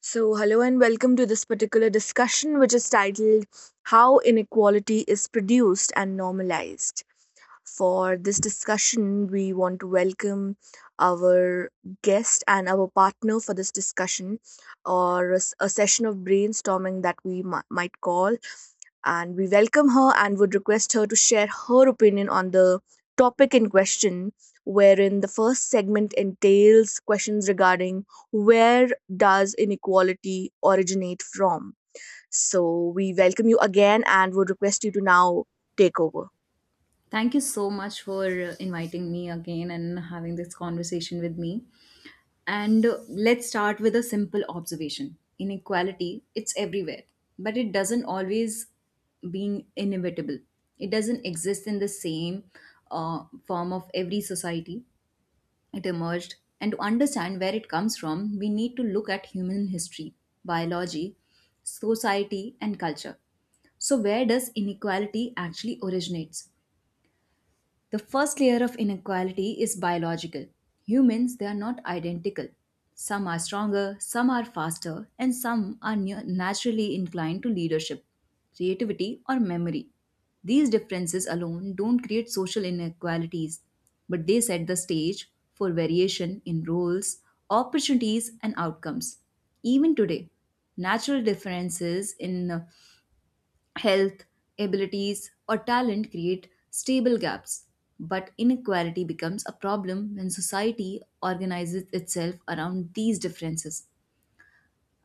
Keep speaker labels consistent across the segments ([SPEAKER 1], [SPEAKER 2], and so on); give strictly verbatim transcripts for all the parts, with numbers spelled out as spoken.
[SPEAKER 1] So, hello and welcome to this particular discussion, which is titled How Inequality is Produced and Normalized. For this discussion, we want to welcome our guest and our partner for this discussion or a, s- a session of brainstorming that we mi- might call. And we welcome her and would request her to share her opinion on the topic in question, wherein the first segment entails questions regarding where does inequality originate from? So, we welcome you again and would request you to now take over.
[SPEAKER 2] Thank you so much for uh, inviting me again and having this conversation with me. And uh, let's start with a simple observation. Inequality, it's everywhere, but it doesn't always being inevitable. It doesn't exist in the same uh, form of every society. It emerged. And to understand where it comes from, we need to look at human history, biology, society, and culture. So where does inequality actually originates? The first layer of inequality is biological. Humans, they are not identical. Some are stronger, some are faster, and some are nu- naturally inclined to leadership, creativity, or memory. These differences alone don't create social inequalities, but they set the stage for variation in roles, opportunities, and outcomes. Even today, natural differences in health, abilities, or talent create stable gaps, but inequality becomes a problem when society organizes itself around these differences,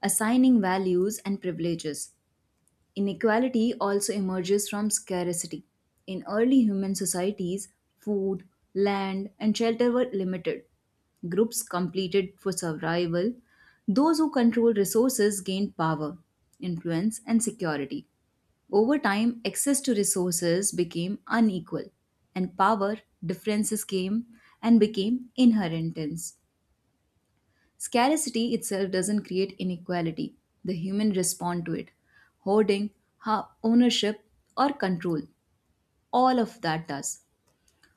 [SPEAKER 2] assigning values and privileges. Inequality also emerges from scarcity. In early human societies, food, land, and shelter were limited. Groups competed for survival. Those who controlled resources gained power, influence, and security. Over time, access to resources became unequal, and power differences came and became inheritance. Scarcity itself doesn't create inequality, the human respond to it. Hoarding, ha- ownership, or control, all of that does.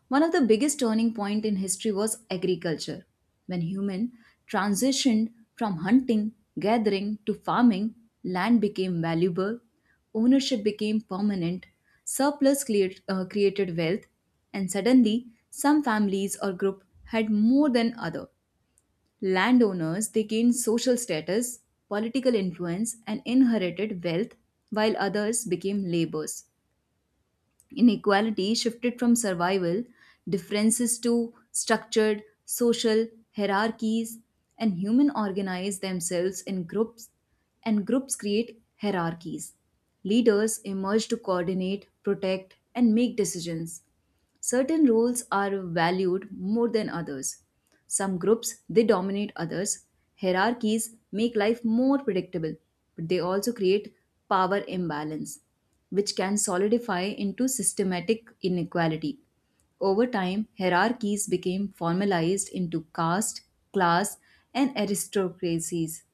[SPEAKER 2] One of the biggest turning point in history was agriculture. When human transitioned from hunting, gathering to farming, land became valuable, ownership became permanent, surplus cleared, uh, created wealth, and suddenly some families or group had more than other. Landowners, they gained social status, political influence, and inherited wealth while others became laborers. Inequality shifted from survival differences to structured social hierarchies, and human organize themselves in groups, and groups create hierarchies. Leaders emerge to coordinate, protect, and make decisions. Certain roles are valued more than others. Some groups, they dominate others. Hierarchies make life more predictable, but they also create power imbalance, which can solidify into systematic inequality. Over time, hierarchies became formalized into caste, class, and aristocracies.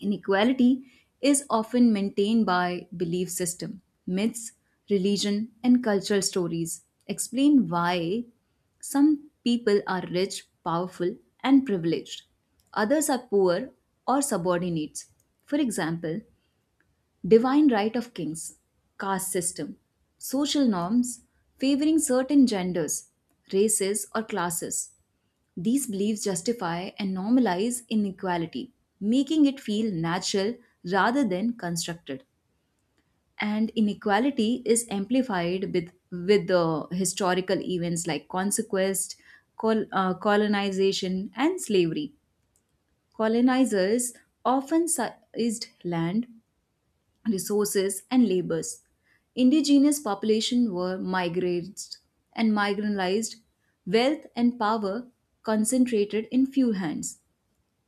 [SPEAKER 2] Inequality is often maintained by belief system, myths, religion, and cultural stories. Explain why some people are rich, powerful, and privileged. Others are poor or subordinates. For example, divine right of kings, caste system, social norms favoring certain genders, races, or classes. These beliefs justify and normalize inequality, making it feel natural rather than constructed. And inequality is amplified with, with the historical events like conquest, col- uh, colonization, and slavery. Colonizers often seized land, resources, and labors. Indigenous population were migrated and marginalized, wealth and power concentrated in few hands.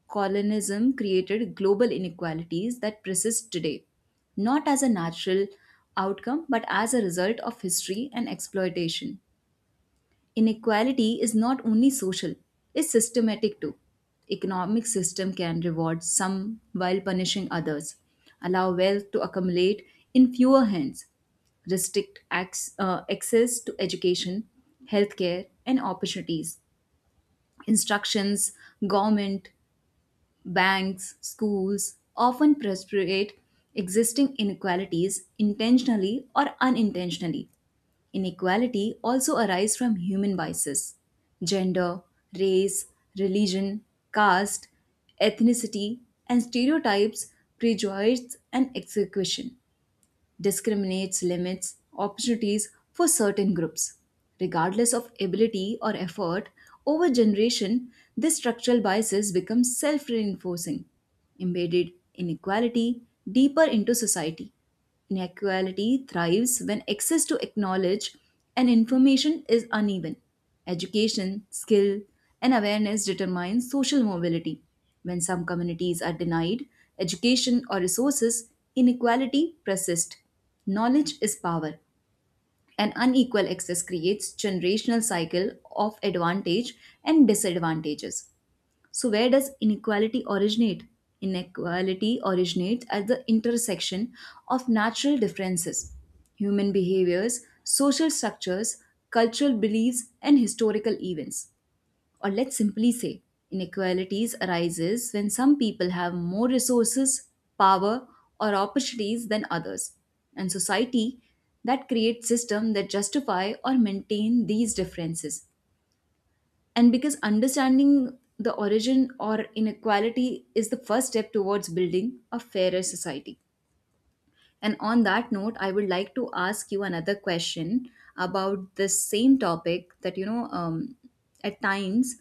[SPEAKER 2] Colonialism created global inequalities that persist today, not as a natural outcome but as a result of history and exploitation. Inequality is not only social, it's systematic too. Economic system can reward some while punishing others, allow wealth to accumulate in fewer hands, restrict acts, uh, access to education, healthcare, and opportunities. Instructions, government, banks, schools often perpetuate existing inequalities intentionally or unintentionally. Inequality also arises from human biases. Gender, race, religion, caste, ethnicity, and stereotypes prejudice and execution discriminates, limits opportunities for certain groups. Regardless of ability or effort, over generation, these structural biases become self reinforcing, embedded inequality deeper into society. Inequality thrives when access to knowledge and information is uneven. Education, skill, and awareness determine social mobility. When some communities are denied education or resources, inequality persists. Knowledge is power, and unequal access creates generational cycle of advantage and disadvantages. So where does inequality originate? Inequality originates at the intersection of natural differences, human behaviors, social structures, cultural beliefs, and historical events. Or let's simply say inequalities arises when some people have more resources, power, or opportunities than others and society that creates system that justify or maintain these differences. And because understanding the origin or inequality is the first step towards building a fairer society. And on that note, I would like to ask you another question about the same topic that, you know, um, at times,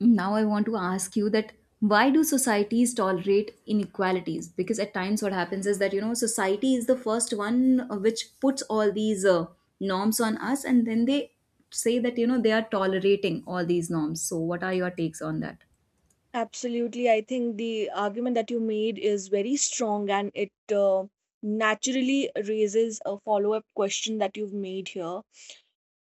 [SPEAKER 2] now I want to ask you that why do societies tolerate inequalities, because at times what happens is that you know society is the first one uh, which puts all these uh, norms on us, and then they say that you know they are tolerating all these norms. So what are your takes on that?
[SPEAKER 1] Absolutely. I think the argument that you made is very strong and it uh, naturally raises a follow up question that you've made here.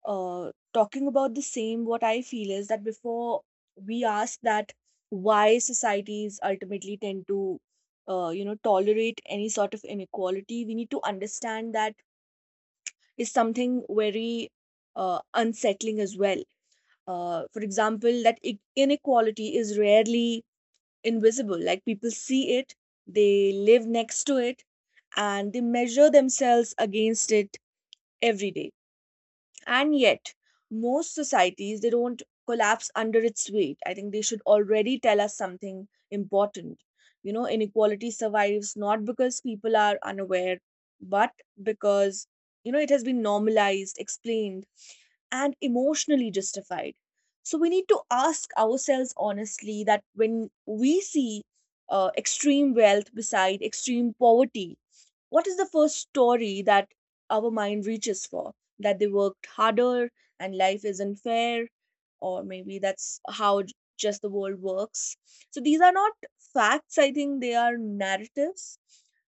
[SPEAKER 1] Uh, talking about the same, what I feel is that before we ask that why societies ultimately tend to uh, you know tolerate any sort of inequality, we need to understand that is something very uh, unsettling as well. Uh, for example, that i- inequality is rarely invisible. Like people see it, they live next to it, and they measure themselves against it every day. And yet, most societies they don't collapse under its weight. I think they should already tell us something important. You know, inequality survives not because people are unaware, but because you know it has been normalized, explained, and emotionally justified. So we need to ask ourselves honestly that when we see uh, extreme wealth beside extreme poverty, what is the first story that our mind reaches for? That they worked harder and life isn't fair, or maybe that's how j- just the world works. So these are not facts, I think they are narratives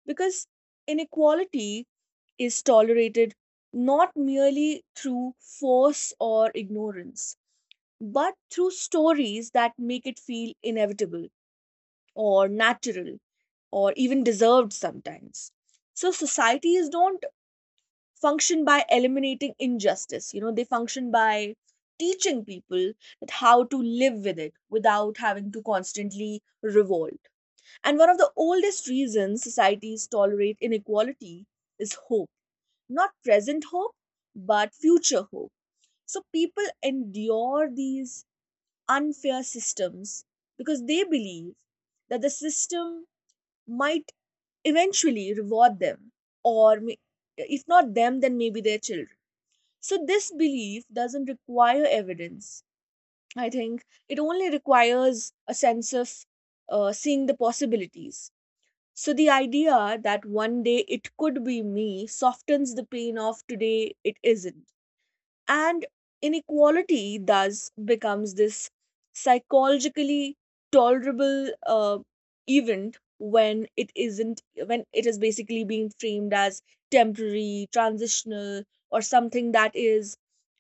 [SPEAKER 1] because inequality is tolerated not merely through force or ignorance, but through stories that make it feel inevitable or natural or even deserved sometimes. So societies don't function by eliminating injustice, you know they function by teaching people that how to live with it without having to constantly revolt. And one of the oldest reasons societies tolerate inequality is hope, not present hope but future hope. So people endure these unfair systems because they believe that the system might eventually reward them, or may- if not them then maybe their children. So, this belief doesn't require evidence. I think it only requires a sense of uh, seeing the possibilities. So, the idea that one day it could be me softens the pain of today it isn't, and inequality thus becomes this psychologically tolerable uh, event when it isn't, when it is basically being framed as temporary, transitional, or something that is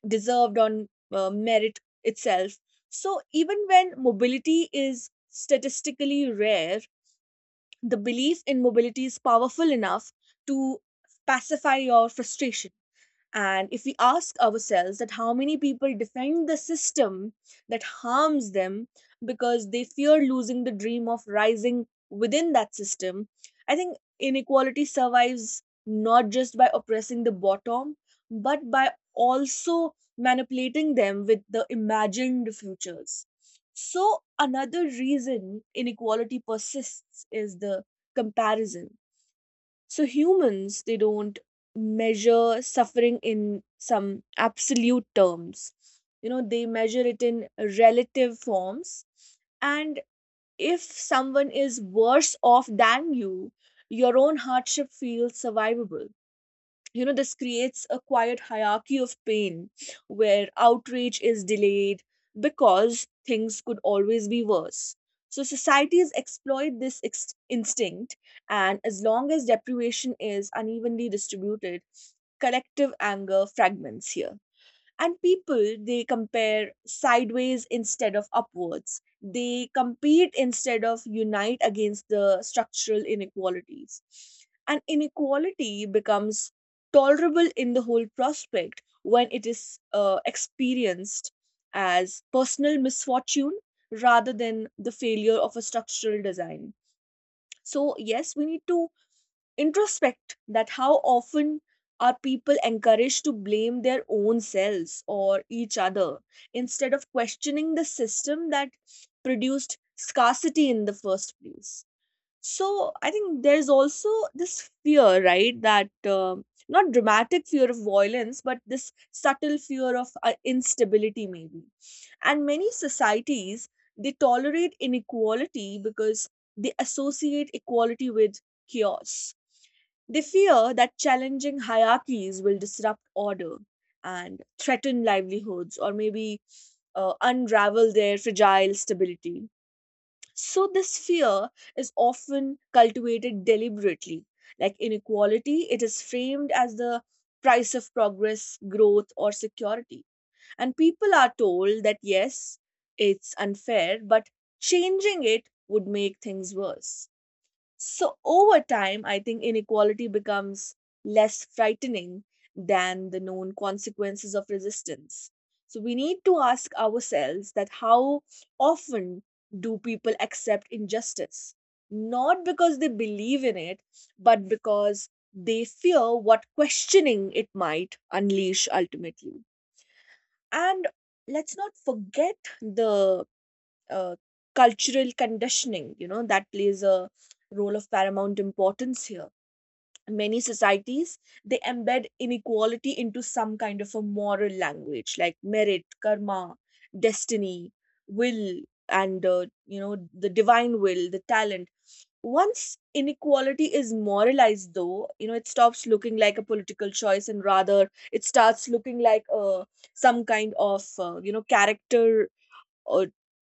[SPEAKER 1] deserved on uh, merit itself. So even when mobility is statistically rare, the belief in mobility is powerful enough to pacify your frustration. And if we ask ourselves that how many people defend the system that harms them because they fear losing the dream of rising within that system, I think inequality survives not just by oppressing the bottom but by also manipulating them with the imagined futures. So another reason inequality persists is the comparison. So humans, they don't measure suffering in some absolute terms. You know, they measure it in relative forms. And if someone is worse off than you, your own hardship feels survivable. You know this creates a quiet hierarchy of pain where outrage is delayed because things could always be worse. So societies exploit this ex- instinct, and as long as deprivation is unevenly distributed collective anger fragments here, and people they compare sideways instead of upwards, they compete instead of unite against the structural inequalities. And inequality becomes tolerable in the whole prospect when it is uh, experienced as personal misfortune rather than the failure of a structural design. So yes, we need to introspect that how often are people encouraged to blame their own selves or each other instead of questioning the system that produced scarcity in the first place. So I think there's also this fear, right? That um not dramatic fear of violence, but this subtle fear of uh, instability, maybe. And many societies they tolerate inequality because they associate equality with chaos. They fear that challenging hierarchies will disrupt order and threaten livelihoods, or maybe uh, unravel their fragile stability. So, this fear is often cultivated deliberately. Like inequality, it is framed as the price of progress, growth, or security. And people are told that yes, it's unfair, but changing it would make things worse. So, over time, I think inequality becomes less frightening than the known consequences of resistance. So, we need to ask ourselves that how often do people accept injustice? Not because they believe in it, but because they fear what questioning it might unleash ultimately. And let's not forget the uh, cultural conditioning, you know, that plays a role of paramount importance here. Many societies they embed inequality into some kind of a moral language, like merit, karma, destiny, will, and uh, you know the divine will, the talent. Once inequality is moralized though, you know it stops looking like a political choice and rather it starts looking like a some kind of uh, you know character or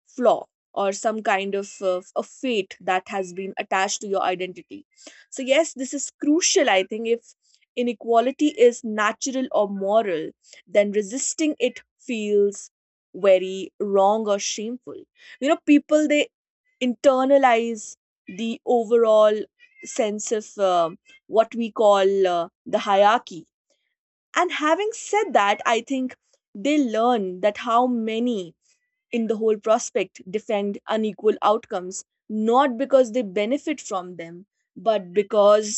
[SPEAKER 1] flaw or some kind of uh, a fate that has been attached to your identity. So yes, this is crucial. I think if inequality is natural or moral, then resisting it feels very wrong or shameful. You know people they internalize the overall sense of um what we call uh, the hierarchy. And having said that, I think they learn that how many in the whole prospect defend unequal outcomes, not because they benefit from them but because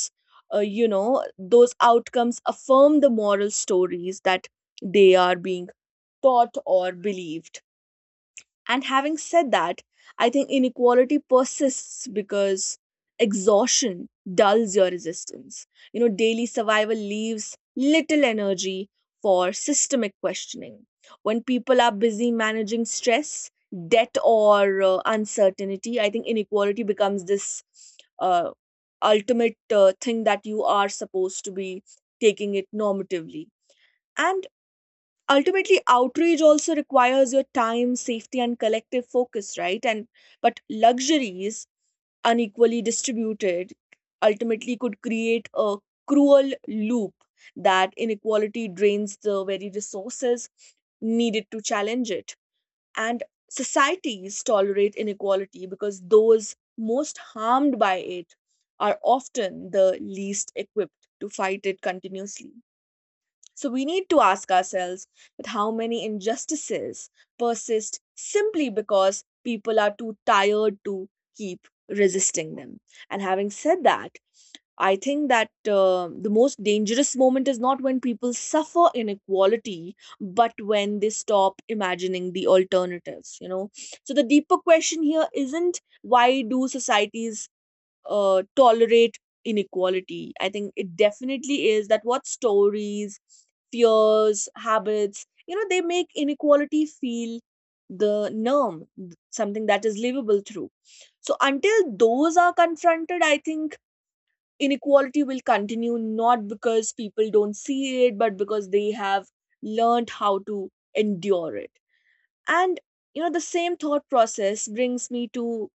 [SPEAKER 1] uh, you know those outcomes affirm the moral stories that they are being taught or believed. And having said that, I think inequality persists because exhaustion dulls your resistance. You know, daily survival leaves little energy for systemic questioning. When people are busy managing stress, debt, or uh, uncertainty, I think inequality becomes this uh, ultimate uh, thing that you are supposed to be taking it normatively. And ultimately outrage also requires your time, safety and collective focus, right? And but luxuries unequally distributed ultimately could create a cruel loop, that inequality drains the very resources needed to challenge it. And societies tolerate inequality because those most harmed by it are often the least equipped to fight it continuously. So we need to ask ourselves with how many injustices persist simply because people are too tired to keep resisting them. And having said that, I think that uh, the most dangerous moment is not when people suffer inequality, but when they stop imagining the alternatives, you know. So the deeper question here isn't why do societies uh, tolerate inequality. I think it definitely is that what stories, fears, habits, you know, they make inequality feel the norm, th- something that is livable through. So until those are confronted, I think inequality will continue not because people don't see it, but because they have learned how to endure it. And you know, the same thought process brings me to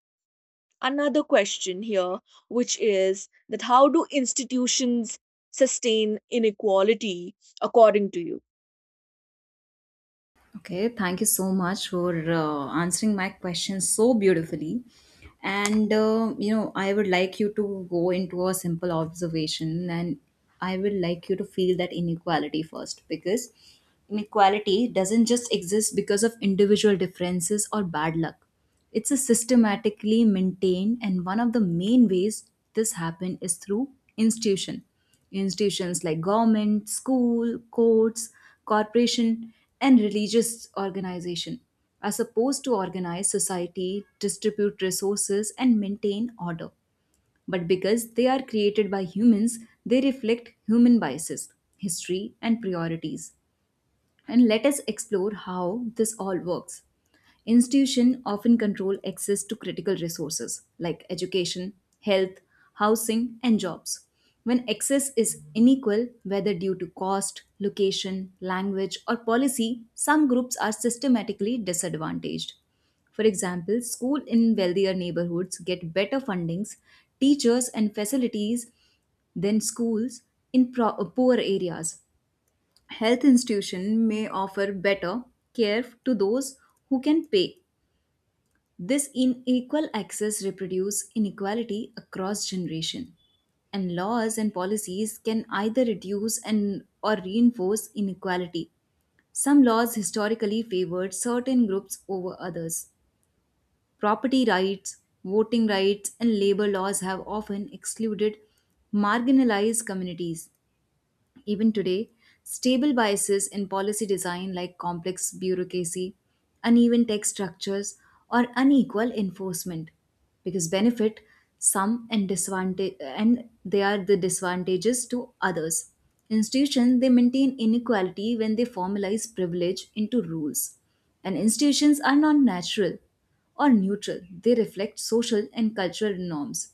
[SPEAKER 1] another question here, which is that how do institutions sustain inequality according to you?
[SPEAKER 2] Okay, thank you so much for uh, answering my question so beautifully. And uh, you know, I would like you to go into a simple observation, and I would like you to feel that inequality first because inequality doesn't just exist because of individual differences or bad luck. It's a systematically maintained, and one of the main ways this happen is through institution. Institutions like government, school, courts, corporation, and religious organization are supposed to organize society, distribute resources, and maintain order. But because they are created by humans, they reflect human biases, history, and priorities. And let us explore how this all works. Institutions often control access to critical resources like education, health, housing, and jobs. When access is unequal, whether due to cost, location, language, or policy, some groups are systematically disadvantaged. For example, schools in wealthier neighborhoods get better fundings, teachers, and facilities than schools in pro- uh, poor areas. Health institution may offer better care to those who can pay. This unequal access reproduces inequality across generation. And laws and policies can either reduce and or reinforce inequality. Some laws historically favored certain groups over others. Property rights, voting rights, and labor laws have often excluded marginalized communities. Even today, stable biases in policy design like complex bureaucracy, uneven tech structures, or unequal enforcement because benefit some and disadvantage, and they are the disadvantages to others. Institutions, they maintain inequality when they formalize privilege into rules. And institutions are not natural or neutral. They reflect social and cultural norms.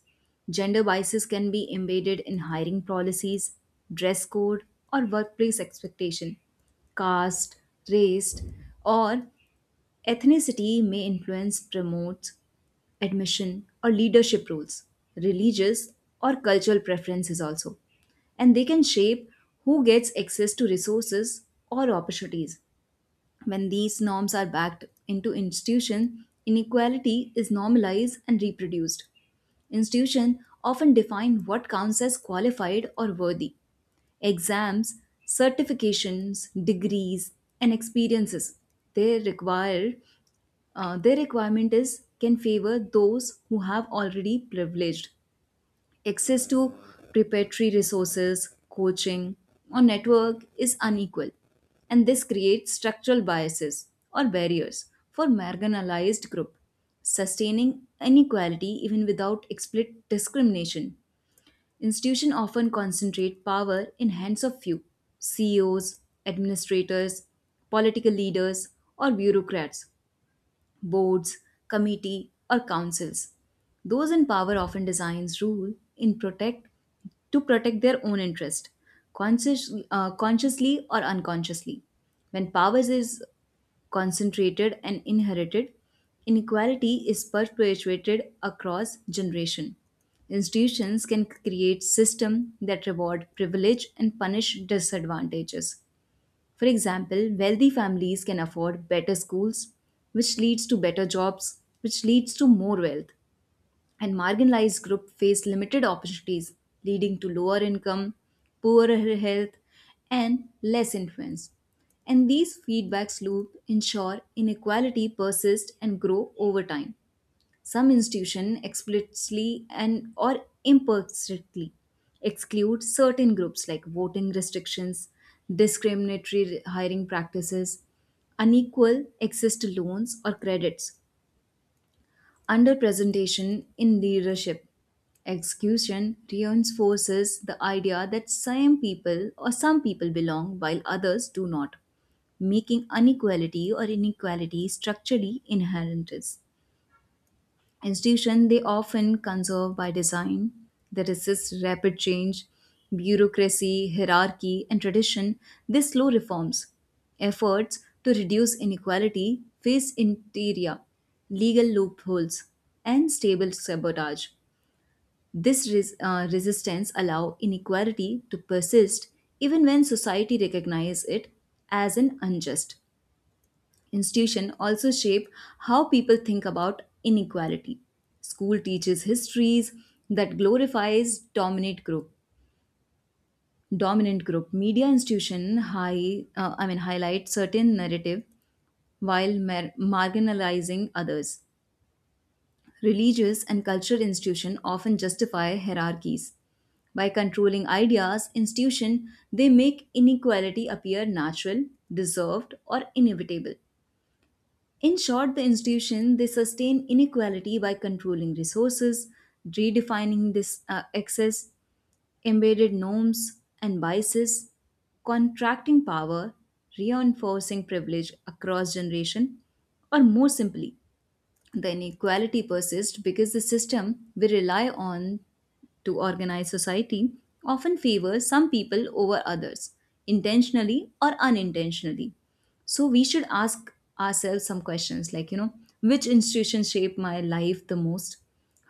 [SPEAKER 2] Gender biases can be embedded in hiring policies, dress code, or workplace expectation. Caste, race, or ethnicity may influence promote, admission, or leadership roles, religious or cultural preferences also, and they can shape who gets access to resources or opportunities. When these norms are backed into institution, inequality is normalized and reproduced. Institution often define what counts as qualified or worthy. Exams, certifications, degrees, and experiences they require uh, their requirement is can favor those who have already privileged. Access to preparatory resources, coaching, or network is unequal, and this creates structural biases or barriers for marginalized group, sustaining inequality even without explicit discrimination. Institutions often concentrate power in hands of few: C E Os, administrators, political leaders, or bureaucrats, boards, committee, or councils. Those in power often designs rule in protect to protect their own interest, conscious, uh, consciously or unconsciously. When power is concentrated and inherited, inequality is perpetuated across generation. Institutions can create system that reward privilege and punish disadvantages. For example, wealthy families can afford better schools, which leads to better jobs, which leads to more wealth. And marginalized groups face limited opportunities, leading to lower income, poorer health, and less influence. And these feedbacks loop ensure inequality persists and grow over time. Some institutions explicitly and or imperfectly exclude certain groups like voting restrictions, discriminatory hiring practices, unequal access to loans or credits, underrepresentation in leadership. Exclusion reinforces the idea that some people or some people belong while others do not, making inequality or inequality structurally inherent. Institutions, they often conserve by design. They resist rapid change, bureaucracy, hierarchy, and tradition. They slow reforms. Efforts to reduce inequality face interior, legal loopholes, and stable sabotage. This res- uh, resistance allow inequality to persist even when society recognizes it as an unjust. Institution also shape how people think about inequality. School teaches histories that glorifies dominant group. Dominant group media institution high, uh, I mean highlight certain narrative while mar- marginalizing others. Religious and cultural institution often justify hierarchies. By controlling ideas, institution, they make inequality appear natural, deserved, or inevitable. In short, the institution, they sustain inequality by controlling resources, redefining this uh, access, embedded norms and biases, contracting power, reinforcing privilege across generation, or more simply, the inequality persists because the system we rely on to organize society often favors some people over others, intentionally or unintentionally. So we should ask ourselves some questions like, you know, which institution shape my life the most?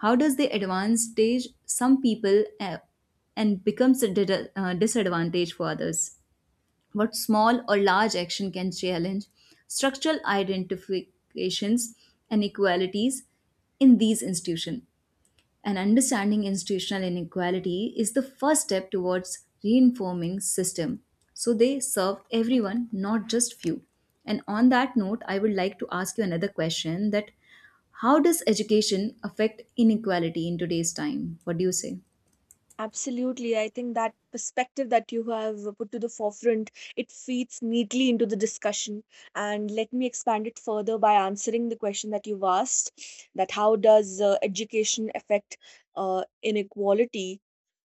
[SPEAKER 2] How does the advantage some people uh, and becomes a did- uh, disadvantage for others? What small or large action can challenge structural identifications and inequalities in these institutions? And understanding institutional inequality is the first step towards reinforming system so they serve everyone, not just few. And on that note, I would like to ask you another question: that how does education affect inequality in today's time? What do you say?
[SPEAKER 1] Absolutely. I think that perspective that you have put to the forefront, it feeds neatly into the discussion. And let me expand it further by answering the question that you've asked, that how does uh, education affect uh, inequality?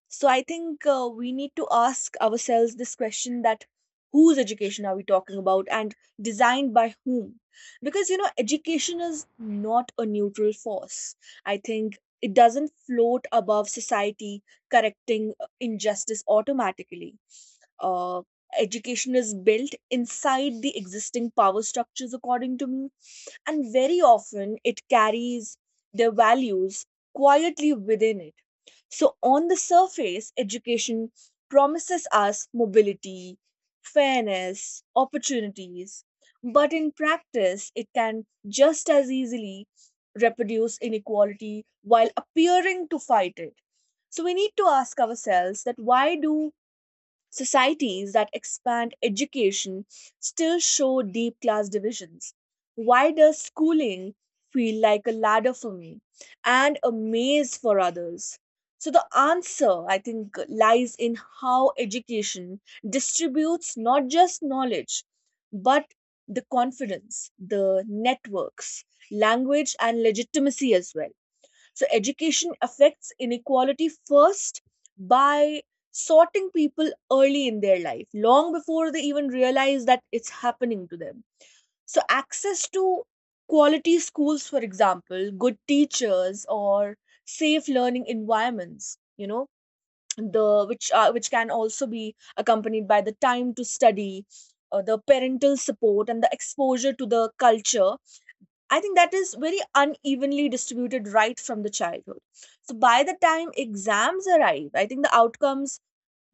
[SPEAKER 1] So I think uh, we need to ask ourselves this question that whose education are we talking about and designed by whom? Because you know, education is not a neutral force. I think it doesn't float above society, correcting uh, injustice automatically. Uh, education is built inside the existing power structures, according to me, and very often it carries their values quietly within it. So, on the surface, education promises us mobility, fairness, opportunities, but in practice, it can just as easily reproduce inequality while appearing to fight it. So, we need to ask ourselves that why do societies that expand education still show deep class divisions. Why does schooling feel like a ladder for me and a maze for others? So, the answer, I think, lies in how education distributes not just knowledge, but the confidence, the networks, language, and legitimacy as well. So education affects inequality first by sorting people early in their life, long before they even realize that it's happening to them. So access to quality schools, for example, good teachers or safe learning environments, you know, the which are which can also be accompanied by the time to study, uh, the parental support, and the exposure to the culture, I think that is very unevenly distributed right from the childhood. So by the time exams arrive, I think the outcomes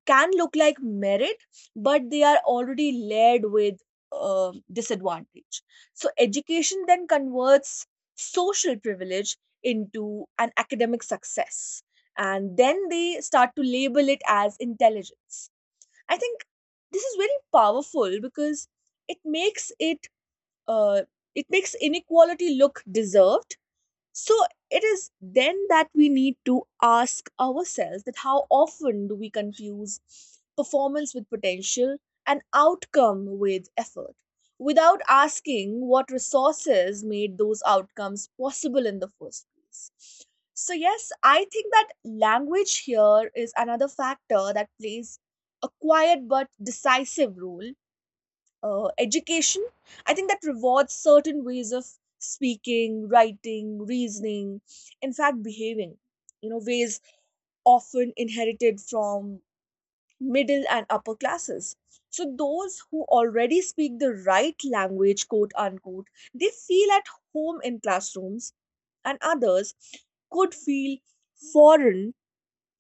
[SPEAKER 1] can look like merit, but they are already layered with uh, disadvantage. So education then converts social privilege into an academic success. And then they start to label it as intelligence. I think this is very powerful because it makes it uh, it makes inequality look deserved, so it is then that we need to ask ourselves that how often do we confuse performance with potential and outcome with effort without asking what resources made those outcomes possible in the first place. So yes, I think that language here is another factor that plays a quiet but decisive role. Uh, education, I think, that rewards certain ways of speaking, writing, reasoning, in fact behaving, you know, ways often inherited from middle and upper classes. So those who already speak the right language, quote unquote, they feel at home in classrooms, and others could feel foreign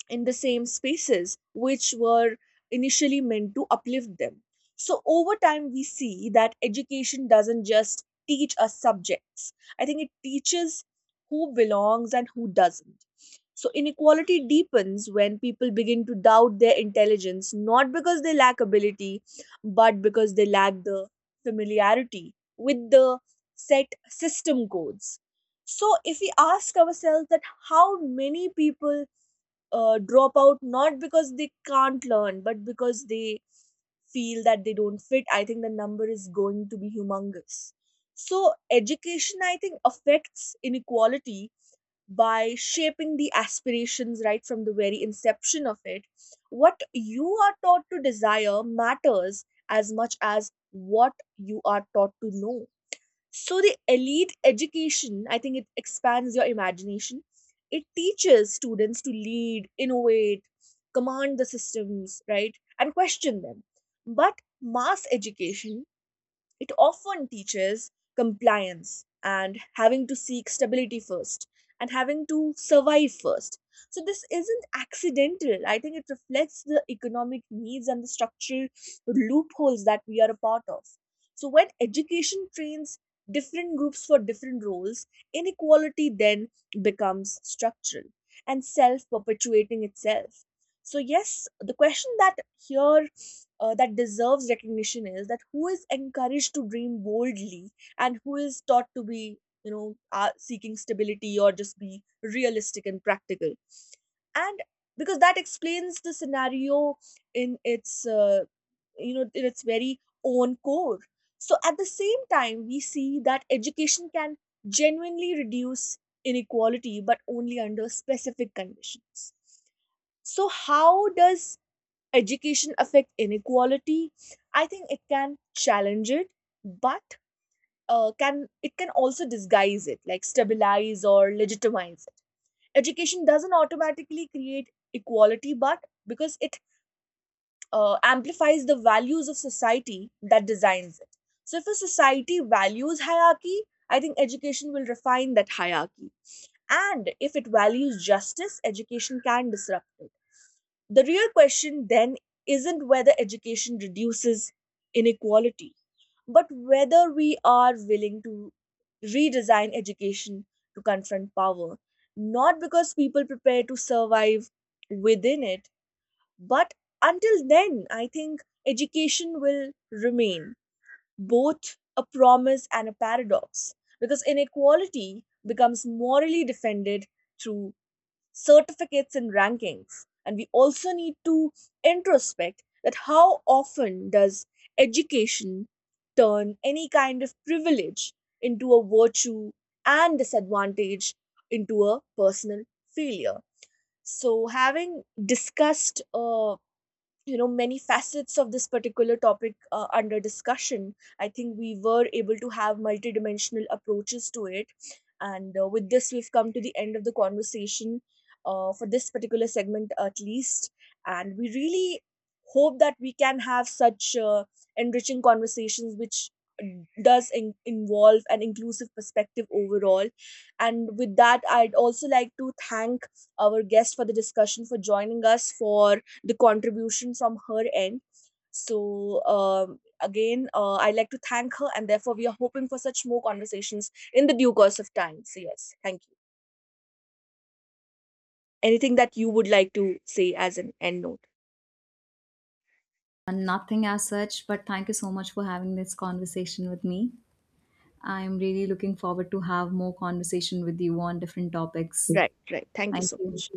[SPEAKER 1] in the same spaces which were initially meant to uplift them. So, over time, we see that education doesn't just teach us subjects, I think it teaches who belongs and who doesn't. So, inequality deepens when people begin to doubt their intelligence, not because they lack ability, but because they lack the familiarity with the set system codes. So, if we ask ourselves that how many people uh, drop out not because they can't learn but because they feel that they don't fit, I think the number is going to be humongous. So education, I think, affects inequality by shaping the aspirations right from the very inception of it. What you are taught to desire matters as much as what you are taught to know. So the elite education, I think it expands your imagination. It teaches students to lead, innovate, command the systems, right? And question them. But mass education, it often teaches compliance and having to seek stability first and having to survive first. So this isn't accidental. I think it reflects the economic needs and the structural loopholes that we are a part of. So when education trains different groups for different roles, inequality then becomes structural and self perpetuating itself. So, yes, the question that here, uh, that deserves recognition is that who is encouraged to dream boldly and who is taught to be, you know, uh, seeking stability or just be realistic and practical, and because that explains the scenario in its uh, you know, in its very own core. So at the same time we see that education can genuinely reduce inequality, but only under specific conditions. So how does education affect inequality? I think it can challenge it, but uh, can it can also disguise it, like stabilize or legitimize it. Education doesn't automatically create equality, but because it uh, amplifies the values of society that designs it. So if a society values hierarchy, I think education will refine that hierarchy, and if it values justice, education can disrupt it. The real question then isn't whether education reduces inequality, but whether we are willing to redesign education to confront power, not because people prepare to survive within it, but until then, I think education will remain both a promise and a paradox, because inequality becomes morally defended through certificates and rankings. And we also need to introspect that how often does education turn any kind of privilege into a virtue and disadvantage into a personal failure. So having discussed, uh, you know, many facets of this particular topic uh, under discussion, I think we were able to have multidimensional approaches to it. And uh, with this, we've come to the end of the conversation, uh, for this particular segment at least. And we really hope that we can have such uh, enriching conversations which uh, does in- involve an inclusive perspective overall. And with that, I'd also like to thank our guest for the discussion, for joining us, for the contribution from her end. So um, again, uh, I like to thank her, and therefore we are hoping for such more conversations in the due course of time. So yes, thank you. Anything that you would like to say as an end note?
[SPEAKER 2] Nothing as such, but thank you so much for having this conversation with me. I am really looking forward to have more conversation with you on different topics.
[SPEAKER 1] Right, right. Thank you
[SPEAKER 2] Thank
[SPEAKER 1] so
[SPEAKER 2] you.
[SPEAKER 1] much.